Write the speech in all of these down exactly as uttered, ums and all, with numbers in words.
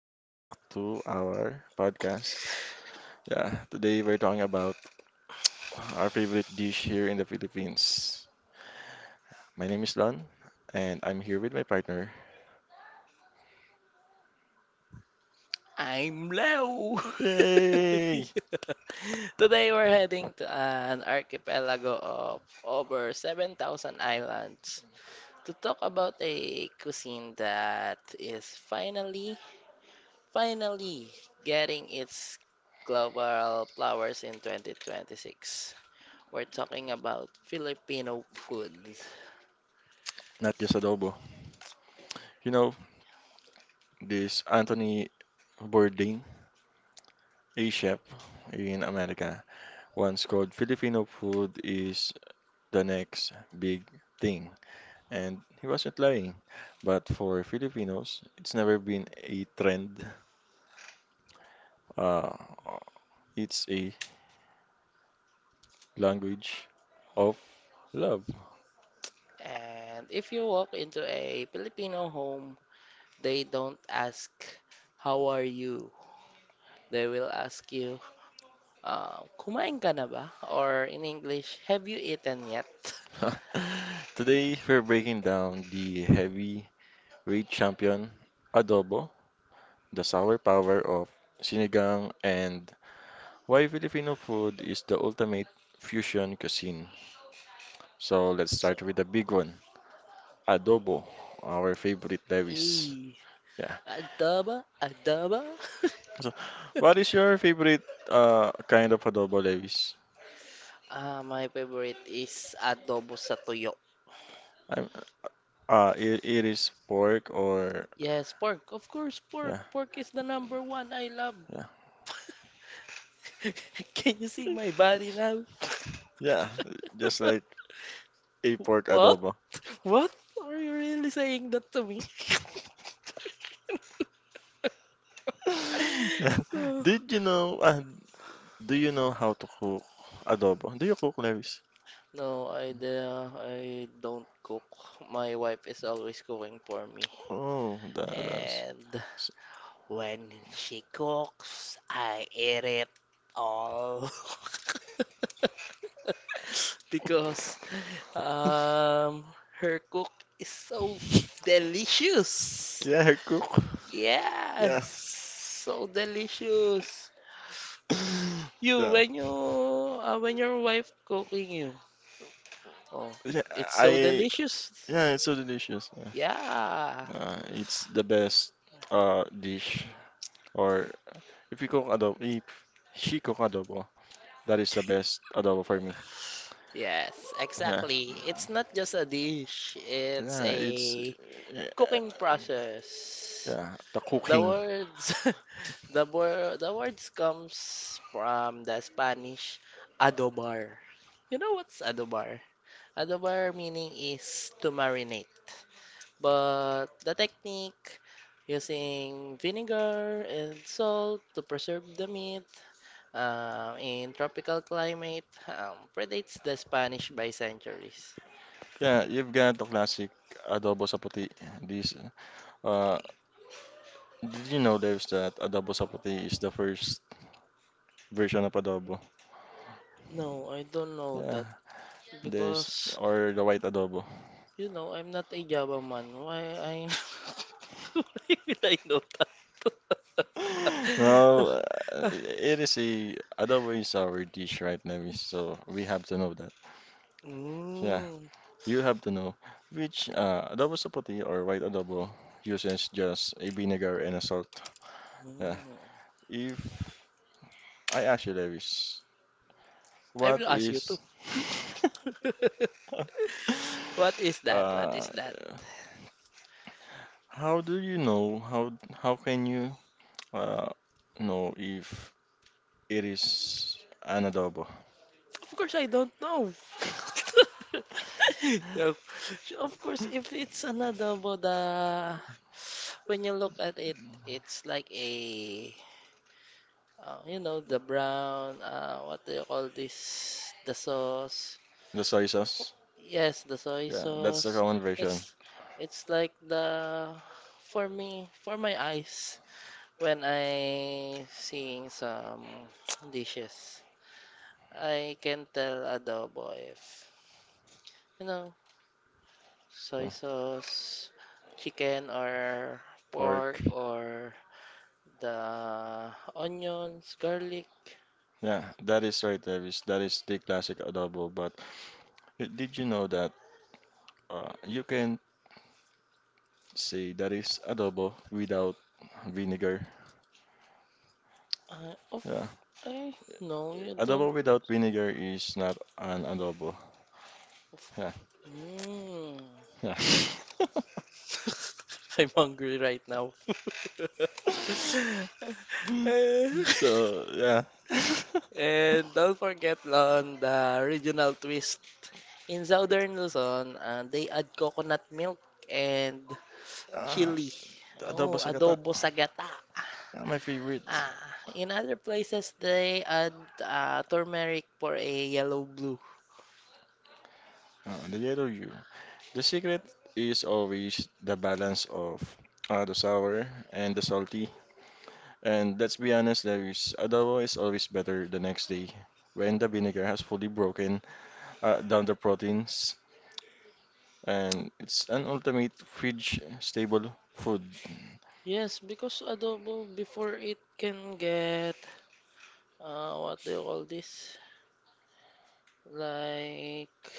Welcome back to our podcast. Yeah, today we're talking about our favorite dish here in the Philippines. My name is Don, and I'm here with my partner. I'm Leo. Yay! Today we're heading to an archipelago of over seven thousand islands to talk about a cuisine that is finally, finally getting its global flowers in twenty twenty-six. We're talking about Filipino food. Not just adobo. You know, this Anthony Bourdain, a chef in America, once called Filipino food is the next big thing. And he wasn't lying. But for Filipinos, it's never been a trend. Uh, it's a language of love. And if you walk into a Filipino home, they don't ask, "How are you?" They will ask you, Uh, kumain ka na ba? Or in English, have you eaten yet? Today, we're breaking down the heavyweight champion, adobo, the sour power of sinigang, and why Filipino food is the ultimate fusion cuisine. So, let's So, start with the big one, adobo, our favorite Lewis. ee, Yeah. adaba, adaba. So, what is your favorite uh, kind of adobo, Lewis? Ah, my favorite is adobo sa tuyo. I'm, uh, it, it is pork or Yes, pork. Of course, pork. yeah, Pork is the number one I love. yeah. Can you see my body now? Yeah, just like a pork What? adobo. What? Are you really saying that to me? Yeah. Did you know, uh, do you know how to cook adobo? Do you cook, Lewis? No, I, de- I don't cook. My wife is always cooking for me. Oh, that, that's, And when she cooks, I eat it all. Because um, her cook is so delicious. yeah, I cook. Yeah, Yes, so delicious. You, yeah, when you, uh, when your wife cooking you, oh, yeah, it's so I, delicious. yeah, it's so delicious. Yeah. Yeah. Uh, it's the best, uh, dish. Or if you cook adobo, if she cook adobo, that is the best adobo for me. Yes, Yeah, exactly. It's not just a dish, it's yeah, a it's, yeah, cooking process. yeah, the The cooking. words the word the words comes from the Spanish adobar. You know what's adobar? Adobar meaning is to marinate. But the technique using vinegar and salt to preserve the meat Um, in tropical climate, um, predates the Spanish by centuries. Yeah, you've got the classic adobo sa puti. This, uh, did you know there's that adobo sa puti is the first version of adobo? No, I don't know Yeah, that there's because or the white adobo. you know I'm not a Java man. Why I why will I know that? No, uh, it is a adobo is our dish right now, so we have to know that. So yeah, Mm, you have to know which uh, adobo sa puti or white adobo uses just a vinegar and a salt. Yeah, mm. if I ask you, Lewis, I will what ask you too. is What is that? What Uh, is that? how do you know? How how can you uh, know if it is an adobo? Of course, I don't know. No. Of course, if it's an adobo, the when you look at it, it's like a uh, you know the brown. Uh, what do you call this? The sauce. The soy sauce? Yes, the soy Yeah, that's the sauce. common version. It's it's like the for me for my eyes when I seeing some dishes. I can tell adobo if you know soy So, sauce, chicken or pork pork. or the onions, garlic. Yeah, that is right, Davis. That is the classic adobo. But y- did you know that uh, you can say that is adobo without vinegar? Uh, of Yeah, I no, you don't. adobo without vinegar is not an adobo. Yeah, Mm. yeah. I'm hungry right now. Eh, So, yeah. And don't forget on the regional twist. In Southern Luzon, uh, they add coconut milk and Ah, chili. adobo Oh, sa gata. adobo sa gata. Ah, my favorite. Ah, in other places they add uh, turmeric for a yellow blue. Ah, the yellow you. The secret is always the balance of uh, the sour and the salty. And let's be honest, there is adobo is always better the next day when the vinegar has fully broken uh, down the proteins. And it's an ultimate fridge stable food. Yes, because adobo before it can get uh, what do you call this? Like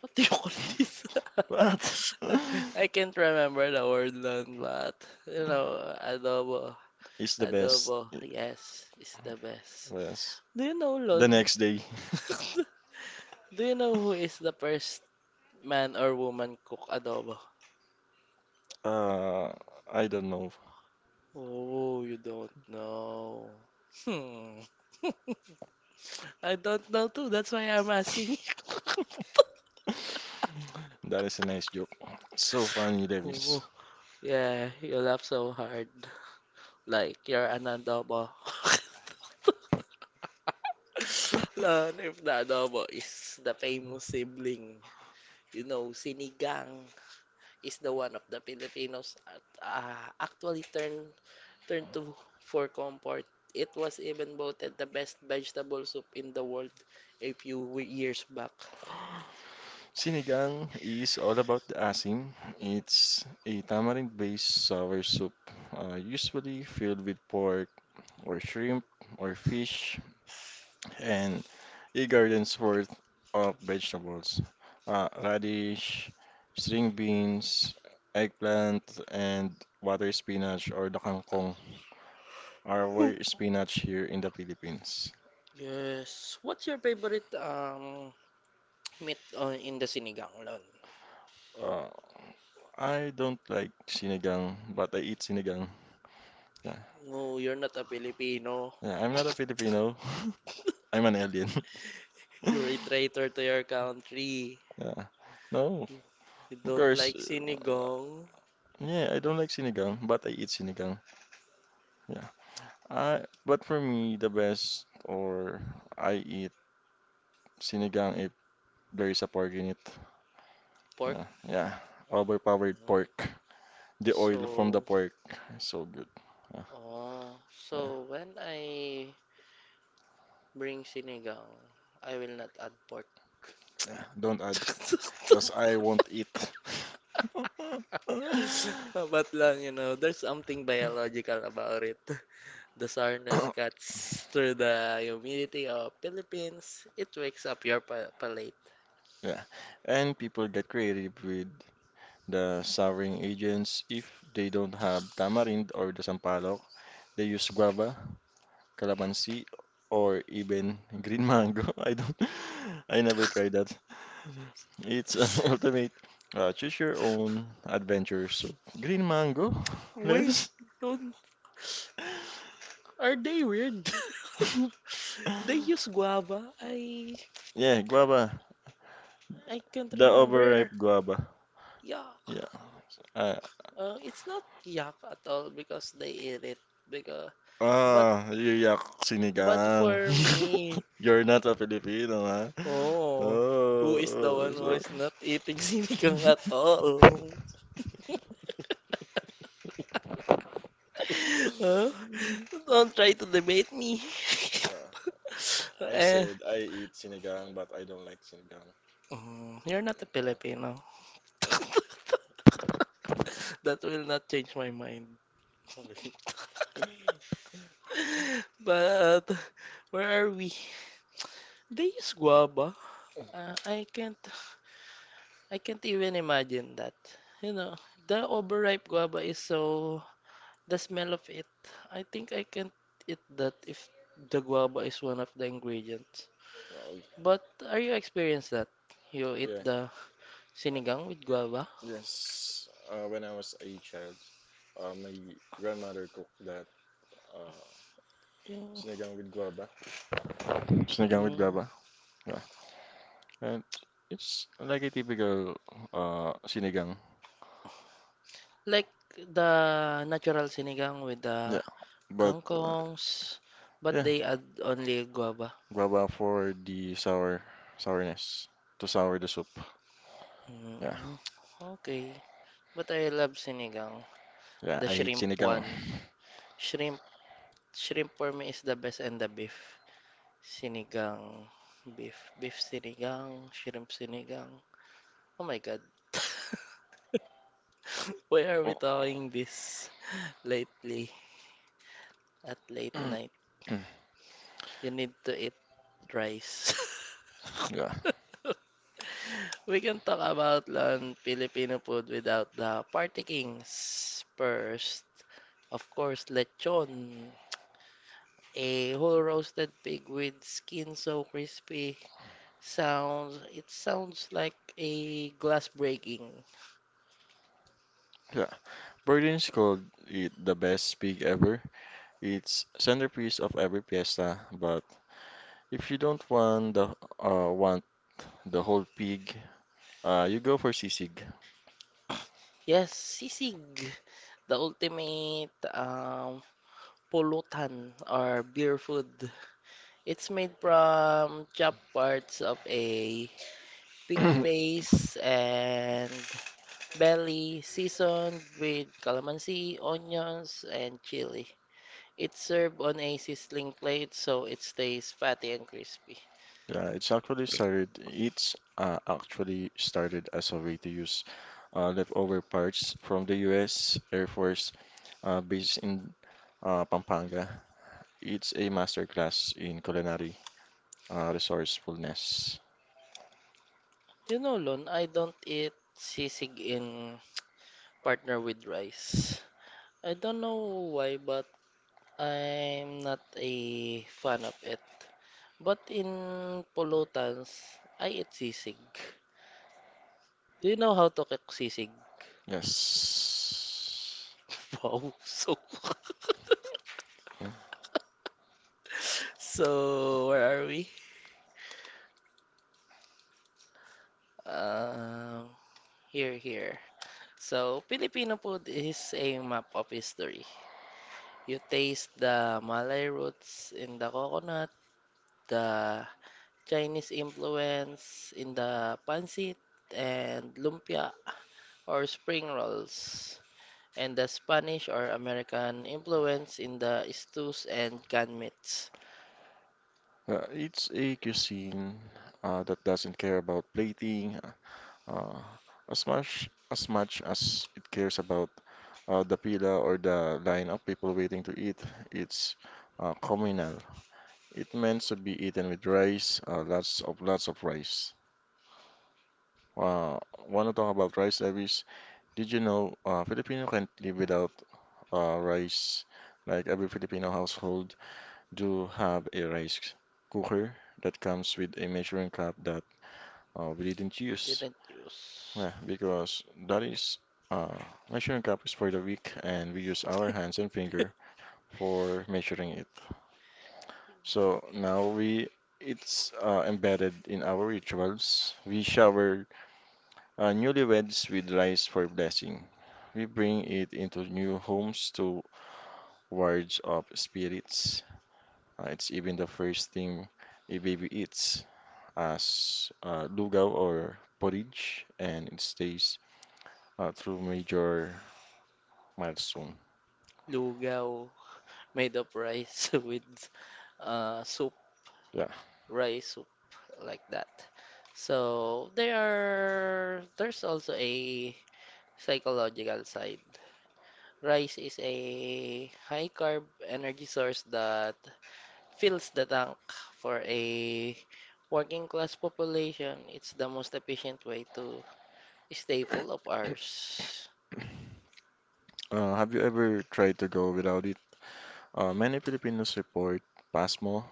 what do you call this? But I can't remember the word on that. You know, adobo. it's the best. Adobo, yes, is the best. Yes. Do you know The Lon? next day. Do you know who is the first man or woman cook adobo? Uh, I don't know. Oh, you don't know. Hmm. I don't know too. That's why I'm asking you. That is a nice joke. So funny, Oh, Davis. yeah, you laugh so hard. Like you're an adobo. Lon, if the adobo is the famous sibling, you know, sinigang is the one of the Filipinos at, uh, actually turned turned to for comfort. It was even voted the best vegetable soup in the world a few we- years back. Sinigang is all about the asim. It's a tamarind-based sour soup, uh, usually filled with pork or shrimp or fish, and a garden's worth of vegetables, uh, radish, string beans, eggplant, and water spinach or the kangkong, our spinach here in the Philippines. Yes. What's your favorite um meat on in the sinigang, Lon? Uh, I don't like sinigang, but I eat sinigang. Yeah, No, you're not a Filipino. yeah, I'm not a Filipino. I'm an alien. You're a traitor to your country. Yeah. No, You of don't course. like uh, sinigang, Yeah, I don't like sinigang, but I eat sinigang. Yeah. I But for me, the best, or I eat sinigang if there is a pork in it. pork. Yeah. Yeah. Overpowered Ganun. pork. The oil from the So, pork is so good. Yeah. oh, Yeah. so when I bring sinigang, I will not add pork. Yeah. Don't add because I won't eat. But lang, you know, there's something biological about it. The sourness cuts through the humidity of Philippines. It wakes up your pa- palate. Yeah. And people get creative with the souring agents, if they don't have tamarind or the sampalok, they use guava, calamansi, or even green mango. I don't, I never tried that. It's an ultimate uh, choose your own adventure. So, green mango, Wait, lives. don't, are they weird? They use guava. I Yeah, guava. I can't The remember. overripe guava. Yeah, Yeah. Uh, uh, it's not yak at all because they eat it. Because but ah, you yak but sinigang. for me, You're not a Filipino, huh? oh, who Oh, oh, is the one oh, who so. is not eating sinigang at all? Huh? Don't try to debate me. Uh, I eh, said I eat sinigang, but I don't like sinigang. mm, you're not a Uh, Filipino. I'm That will not change my mind. sorry. But where are we? They use guava. Uh, I can't I can't even imagine that. You know, the overripe guava is so the smell of it. I think I can't eat that if the guava is one of the ingredients. Sorry. But are you experienced that? You eat Yeah. the sinigang with guava? Yes. Uh, when I was a child, uh, my grandmother cooked that uh, Yung- sinigang with guava. Sinigang with Mm, guava. Yeah. And it's like a typical uh, sinigang. like the natural sinigang with the Yeah. But uh, kangkongs, but yeah, they add only guava. guava for the sour sourness to sour the soup. Yeah. Mm, okay. But I love sinigang. Yeah. The I hate shrimp sinigang. one. Shrimp, shrimp for me is the best and the beef. Sinigang, beef, beef sinigang, shrimp sinigang. Oh my God. Why are we talking this lately at late Mm, night? mm, You need to eat rice. yeah, We can talk about on Filipino food without the party kings. First, of course, lechon. A whole roasted pig with skin so crispy. Sounds, it sounds like a glass breaking. yeah. Berlin's called it the best pig ever. It's centerpiece of every fiesta, but if you don't want the uh, want the whole pig, uh, you go for sisig. Yes, sisig. The ultimate um, pulutan or beer food. It's made from chopped parts of a pig face and belly, seasoned with calamansi, onions, and chili. It's served on a sizzling plate so it stays fatty and crispy. Yeah, it's actually started. It's uh, actually started as a way to use uh, leftover parts from the U S. Air Force uh, based in uh, Pampanga. It's a masterclass in culinary uh, resourcefulness. You know, Lon, I don't eat sisig in partner with rice. I don't know why, but I'm not a fan of it. But in Polotans, I eat sisig. Do you know how to cook sisig? Yes. Wow, so so, where are we? Um, here, here. So, Filipino food is a map of history. You taste the Malay roots in the coconut, the Chinese influence in the pancit, and lumpia or spring rolls. And the Spanish or American influence in the stews and canned meats. Uh, it's a cuisine uh, that doesn't care about plating uh, as much as much as it cares about uh, the pila or the line of people waiting to eat. It's uh, communal. It meant to be eaten with rice, uh, lots of lots of rice. Uh, want to talk about rice, Evis? Did you know uh, Filipino can't live without uh, rice? Like every Filipino household do have a rice cooker that comes with a measuring cup that uh, we didn't We use. didn't use Yeah, because that is uh, measuring cup is for the weak, and we use our hands and finger for measuring it. So now we it's uh, embedded in our rituals. We shower uh, newlyweds with rice for blessing. We bring it into new homes to wards of spirits. Uh, it's even the first thing a baby eats as uh, lugaw or porridge, and it stays uh, through major milestone. lugaw made of rice with uh, soup, Yeah. rice soup like that. So there are there's also a psychological side. Rice is a high carb energy source that fills the tank for a working class population. It's the most efficient way to staple of ours. Uh, have you ever tried to go without it? Uh, many Filipinos report PASMO,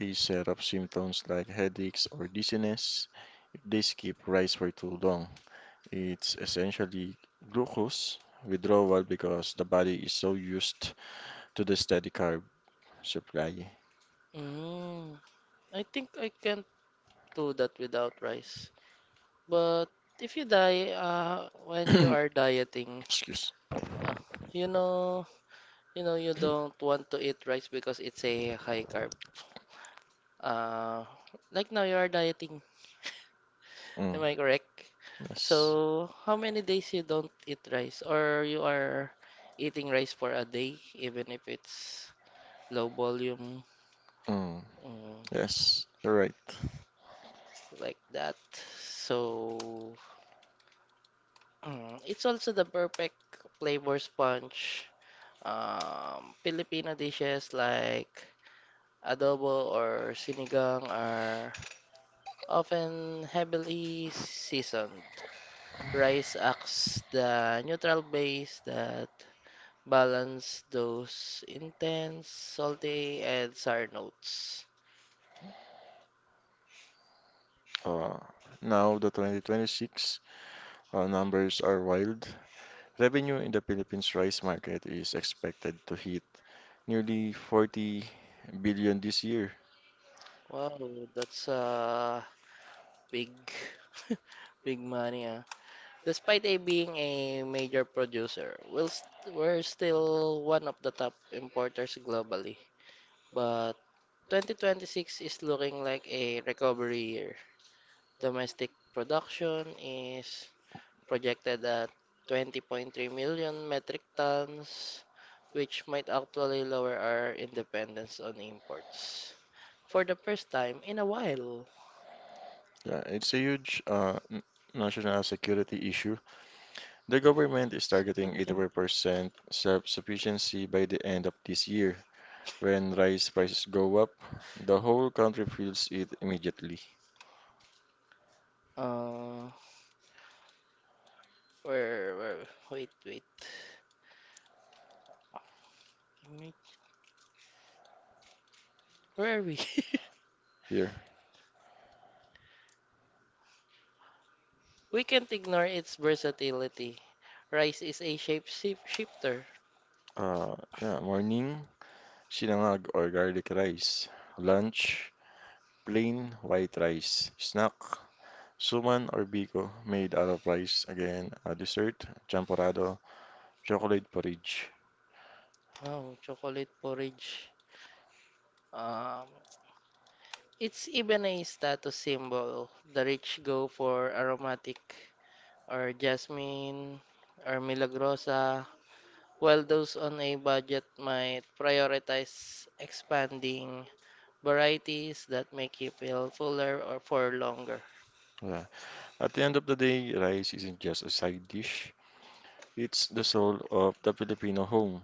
a set of symptoms like headaches or dizziness if they skip rice for too long. It's essentially glucose withdrawal because the body is so used to the steady carb supply. Mm, I think I can't do that without rice. But if you die, uh, when you are dieting, Excuse. uh, you know, you know, you don't want to eat rice because it's a high carb. Uh, like now you are dieting. Am Mm. I correct? Yes. So, how many days you don't eat rice or you are eating rice for a day, even if it's low volume? Mm. Mm, Yes, you're right. like that. So, mm, it's also the perfect flavor sponge. Um, Filipino dishes like adobo or sinigang are often heavily seasoned. Rice acts the neutral base that balance those intense, salty, and sour notes. Uh, Now, the twenty twenty-six uh, numbers are wild. Revenue in the Philippines rice market is expected to hit nearly forty billion this year. Wow, that's a big, big money, ah. Despite a being a major producer, we'll st- we're still one of the top importers globally. But twenty twenty-six is looking like a recovery year. Domestic production is projected at twenty point three million metric tons, which might actually lower our independence on imports. For the first time in a while. Yeah, it's a huge uh, n- national security issue. The government is targeting seventeen. eighty-five percent self-sufficiency by the end of this year. When rice prices go up, the whole country feels it immediately. Uh, where, where, wait, wait. Where are we? Here, We can't ignore its versatility. Rice is a shape shif- shifter. uh, yeah, morning, sinangag or garlic rice. Lunch, plain white rice, snack, suman or biko made out of rice. Again, a dessert, champorado, chocolate porridge. Wow, chocolate porridge. Um, it's even a status symbol. The rich go for aromatic or jasmine or milagrosa, while those on a budget might prioritize expanding varieties that make you feel fuller or for longer. Yeah. At the end of the day, rice isn't just a side dish. It's the soul of the Filipino home.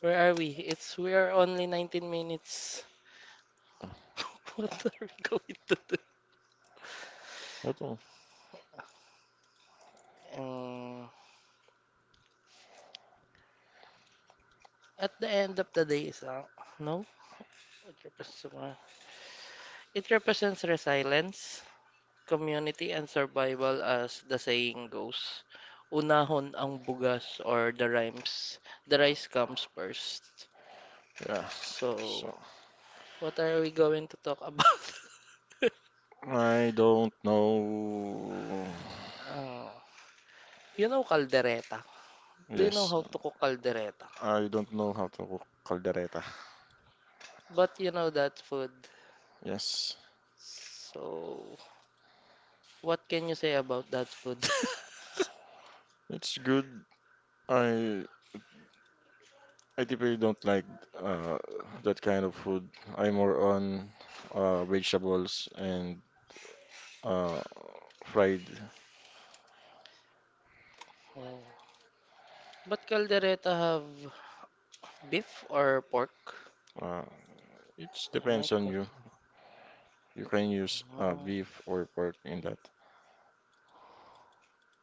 Where are we? It's we are only nineteen minutes. What are we going to do? Ito. Um, At the end of the day, so, no, it represents, uh, it represents resilience, community, and survival as the saying goes. Unahon ang bugas or the rhymes. The rice comes first. Yeah. So, So, what are we going to talk about? I don't know. Uh, you know caldereta. Do you know Yes. how to cook caldereta? I don't know how to cook caldereta. But you know that food. Yes. So, what can you say about that food? It's good. I I typically don't like uh, that kind of food. I'm more on uh, vegetables and uh, fried. Oh. But caldereta have beef or pork? Uh, it Am I depends on you. correct? You can use uh, No. beef or pork in that.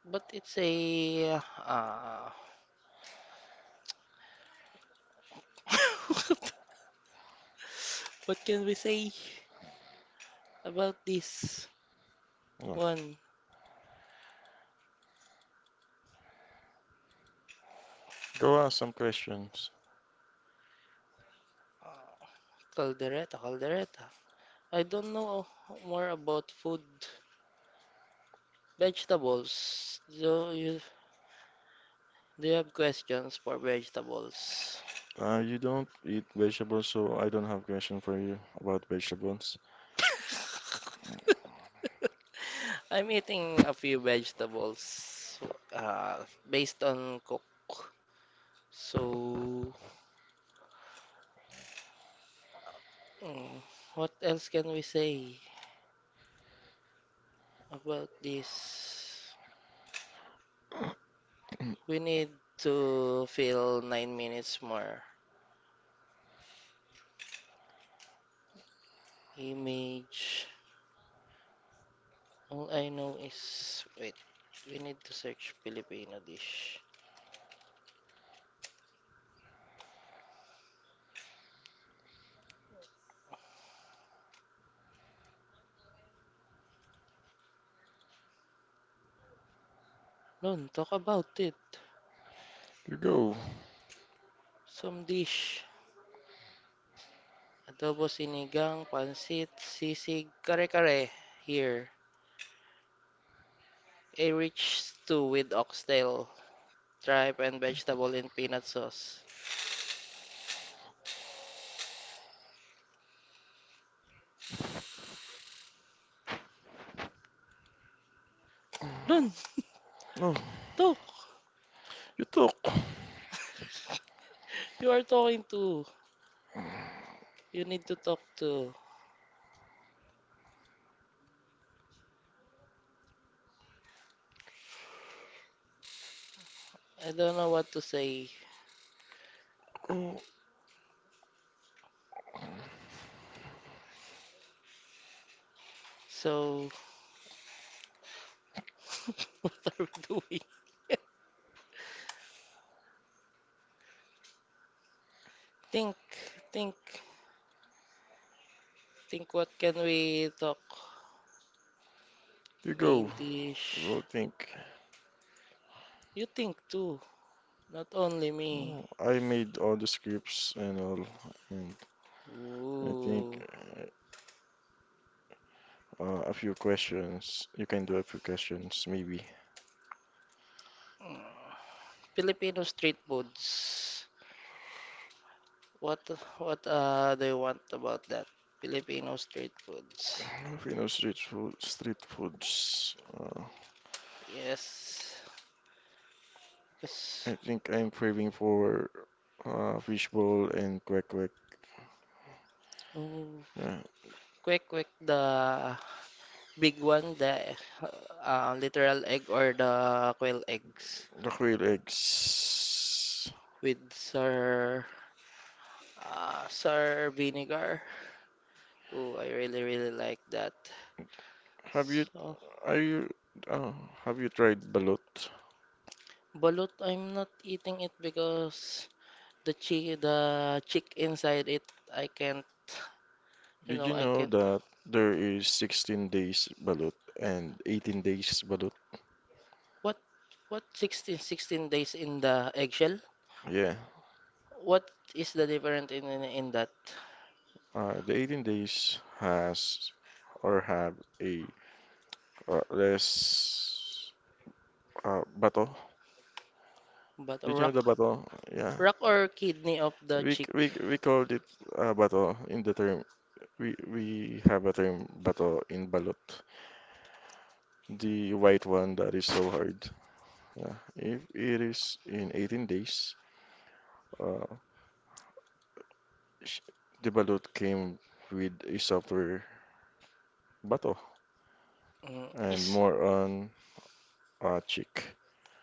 But it's a uh what can we say about this Yeah. one? Go ask some questions. Uh, caldereta, caldereta. I don't know more about food. Vegetables. Do you do you have questions for vegetables? Uh, you don't eat vegetables, so I don't have question for you about vegetables. I'm eating a few vegetables uh, based on cook. So mm, what else can we say about this? We need to fill nine minutes more. Image. All I know is wait, we need to search Filipino dish. Noon, talk about it. You go. Some dish. Adobo sinigang, pansit, sisig, kare-kare. Here. A rich stew with oxtail, tripe, and vegetable in peanut sauce. Noon, No, talk! you talk. You are talking to. You need to talk to. I don't know what to say. Oh, So, what are we doing? Think, think, think what can we talk? you go. Main dish. We'll think. You think too, not only me. Oh, I made all the scripts and all, and I think. Ooh. Uh, a few questions. You can do a few questions, maybe. Mm. Filipino street foods. What what uh do you want about that? Filipino street foods. You know, street food, street foods. Uh, Yes. I Because think I'm craving for uh, fishbowl and kwek kwek. oh, Yeah. quick quick the big one, the uh, literal egg or the quail eggs The quail eggs. with sir uh, sir vinegar. Oh, I really really like that. Have you So, are you uh, have you tried balut? balut, I'm not eating it because the chi the chick inside it, I can't, you Did know, you I know can't. that there is sixteen days balut and eighteen days balut? What what sixteen, sixteen days in the eggshell? Yeah. What is the difference in in, in that? Uh, the eighteen days has or have a Uh, there's uh, bato. But Did you know the rock bato? Yeah. rock or kidney of the We c- chick we c- we called it uh, bato in the term. We we have a term bato in balot. The white one that is so hard. Yeah. If it is in eighteen days, uh, sh- the balut came with a software bato mm, and is. more on uh, cheek.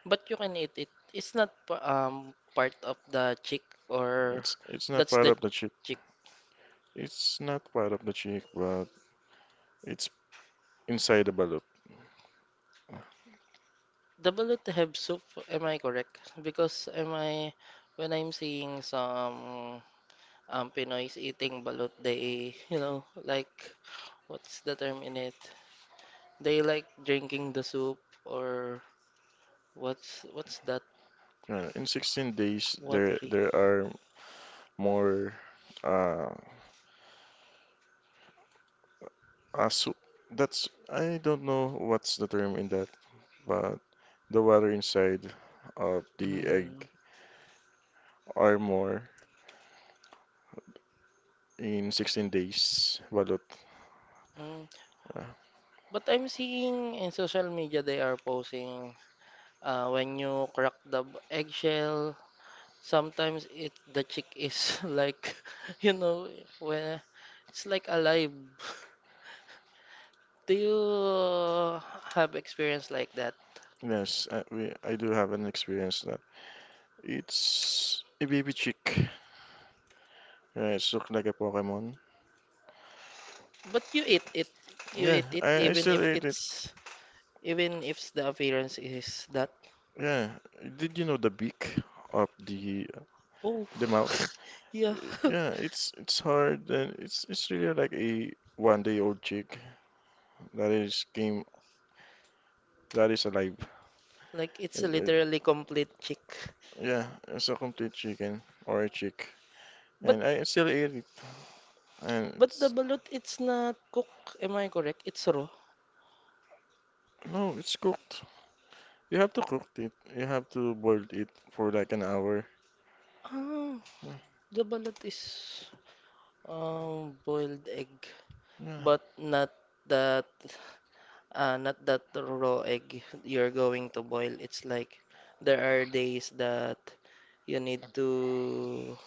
But you can eat it. It's not pa- um part of the chick or It's it's not that's part the of the cheek. chick. It's not part of the cheek, but it's inside the balut. The bullet have soup, am I correct? Because am I when I'm seeing some um Pinoy's eating balut, they you know like what's the term in it? They like drinking the soup or what's what's that Uh, in sixteen days, there watery? there are more uh, asu that's I don't know what's the term in that, but the water inside of the egg Mm, are more in sixteen days. Balot. mm. Uh, But I'm seeing in social media they are posting uh, when you crack the b- eggshell, sometimes it the chick is like, you know, when it's like alive. Do you have experience like that? yes, I, we, I do have an experience that it's a baby chick. Yeah, it's look like a Pokemon. But you eat it, you Yeah, eat it I, I even still if ate it. it's even if the appearance is that. Yeah, did you know the beak of the Oh, the mouth? yeah, Yeah, it's it's hard and it's it's really like a one day old chick that is game that is alive. like it's It's- it- literally complete chick. yeah, it's a complete chicken or a chick, But and I still eat it. And but the it's balut, it's not cooked. Am I correct? It's raw. no, it's cooked. You have to cook it. You have to boil it for like an hour. Ah, the balut is. Um, boiled egg, Yeah, but not that uh not that raw egg you're going to boil. It's like there are days that you need to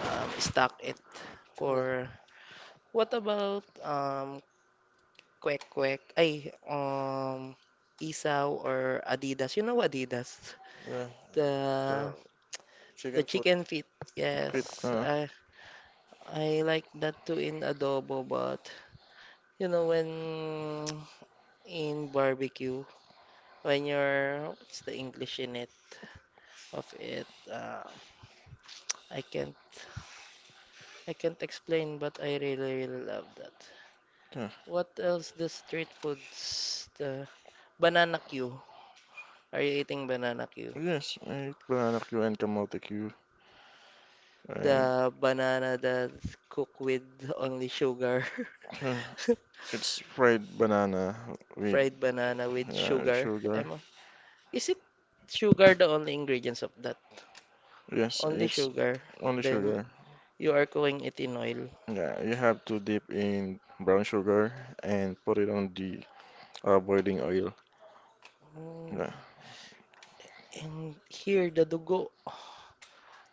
um stock it for what about um kwek kwek ay um isaw or Adidas. You know Adidas? yeah, The the the chicken foot chicken feet. Yes. with uh I I like that too in adobo, but you know when in barbecue when you're what's the English in it of it uh, I can't I can't explain but I really really love that yeah. what else the street foods the banana Q are you eating banana Q Yes, I eat banana queue and kamote queue and the banana that's cooked with only sugar It's fried banana with fried banana with uh, sugar sugar. Emma is it sugar the only ingredients of that Yes, only it's sugar only then sugar. you are cooking it in oil Yeah, you have to dip in brown sugar and put it on the uh, boiling oil. mm, Yeah, and here, the dugo.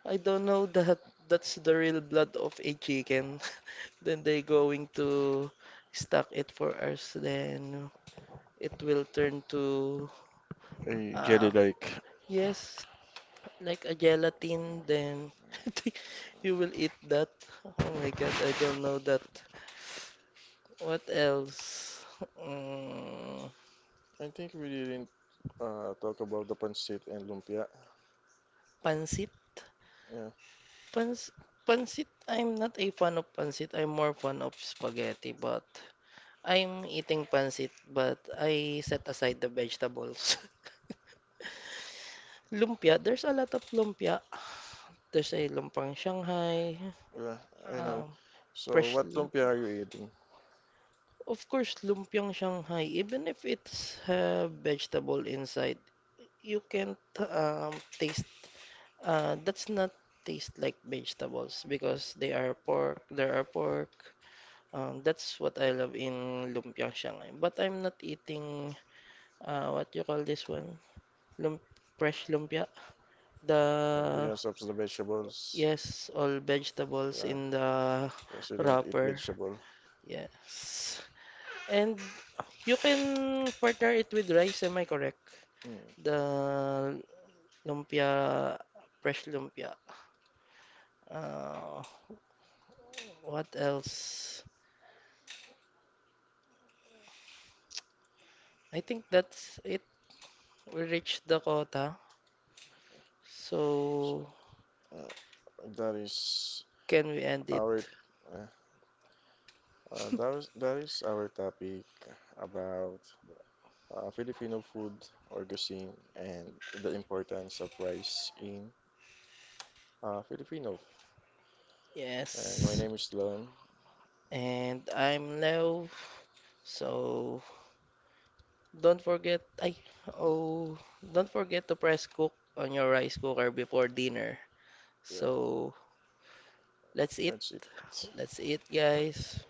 I don't know that that's the real blood of a chicken. Then they going to stack it for us. Then it will turn to, a jelly uh, like. yes, like a gelatin. Then I think you will eat that. Oh my God, I don't know that. What else? Mm, I think we didn't uh, talk about the pancit and lumpia. pansit? Yeah, Pans pansit? I'm not a fan of pansit. I'm more fan of spaghetti, but. I'm eating pancit, but I set aside the vegetables. Lumpia, there's a lot of lumpia. There's a lumpang Shanghai, yeah, I know. um, So fresh what lumpia lumpia. are you eating? Of course, lumpiang Shanghai, even if it's uh, vegetable inside, you can't um, taste. Uh, that's not taste like vegetables because they are pork. There are pork. Um, that's what I love in lumpiang Shanghai. But I'm not eating. Uh, what you call this one? Lump, fresh lumpia. Uh, The Because of the vegetables. yes, all vegetables Yeah, in the because you don't eat wrapper. vegetable. Yes. And you can partner it with rice, am I correct? Mm, The lumpia, fresh lumpia. Uh, what else? I think that's it. We reached the quota. so So, uh, that is. can we end it? Our uh, uh, that is that is our topic about uh, Filipino food or cuisine and the importance of rice in uh, Filipino. And my Yes. name is Lon. And I'm Leo. So, don't forget, ay, oh, don't forget to press cook on your rice cooker before dinner. Yeah, So, let's eat. that's it. Let's eat, guys.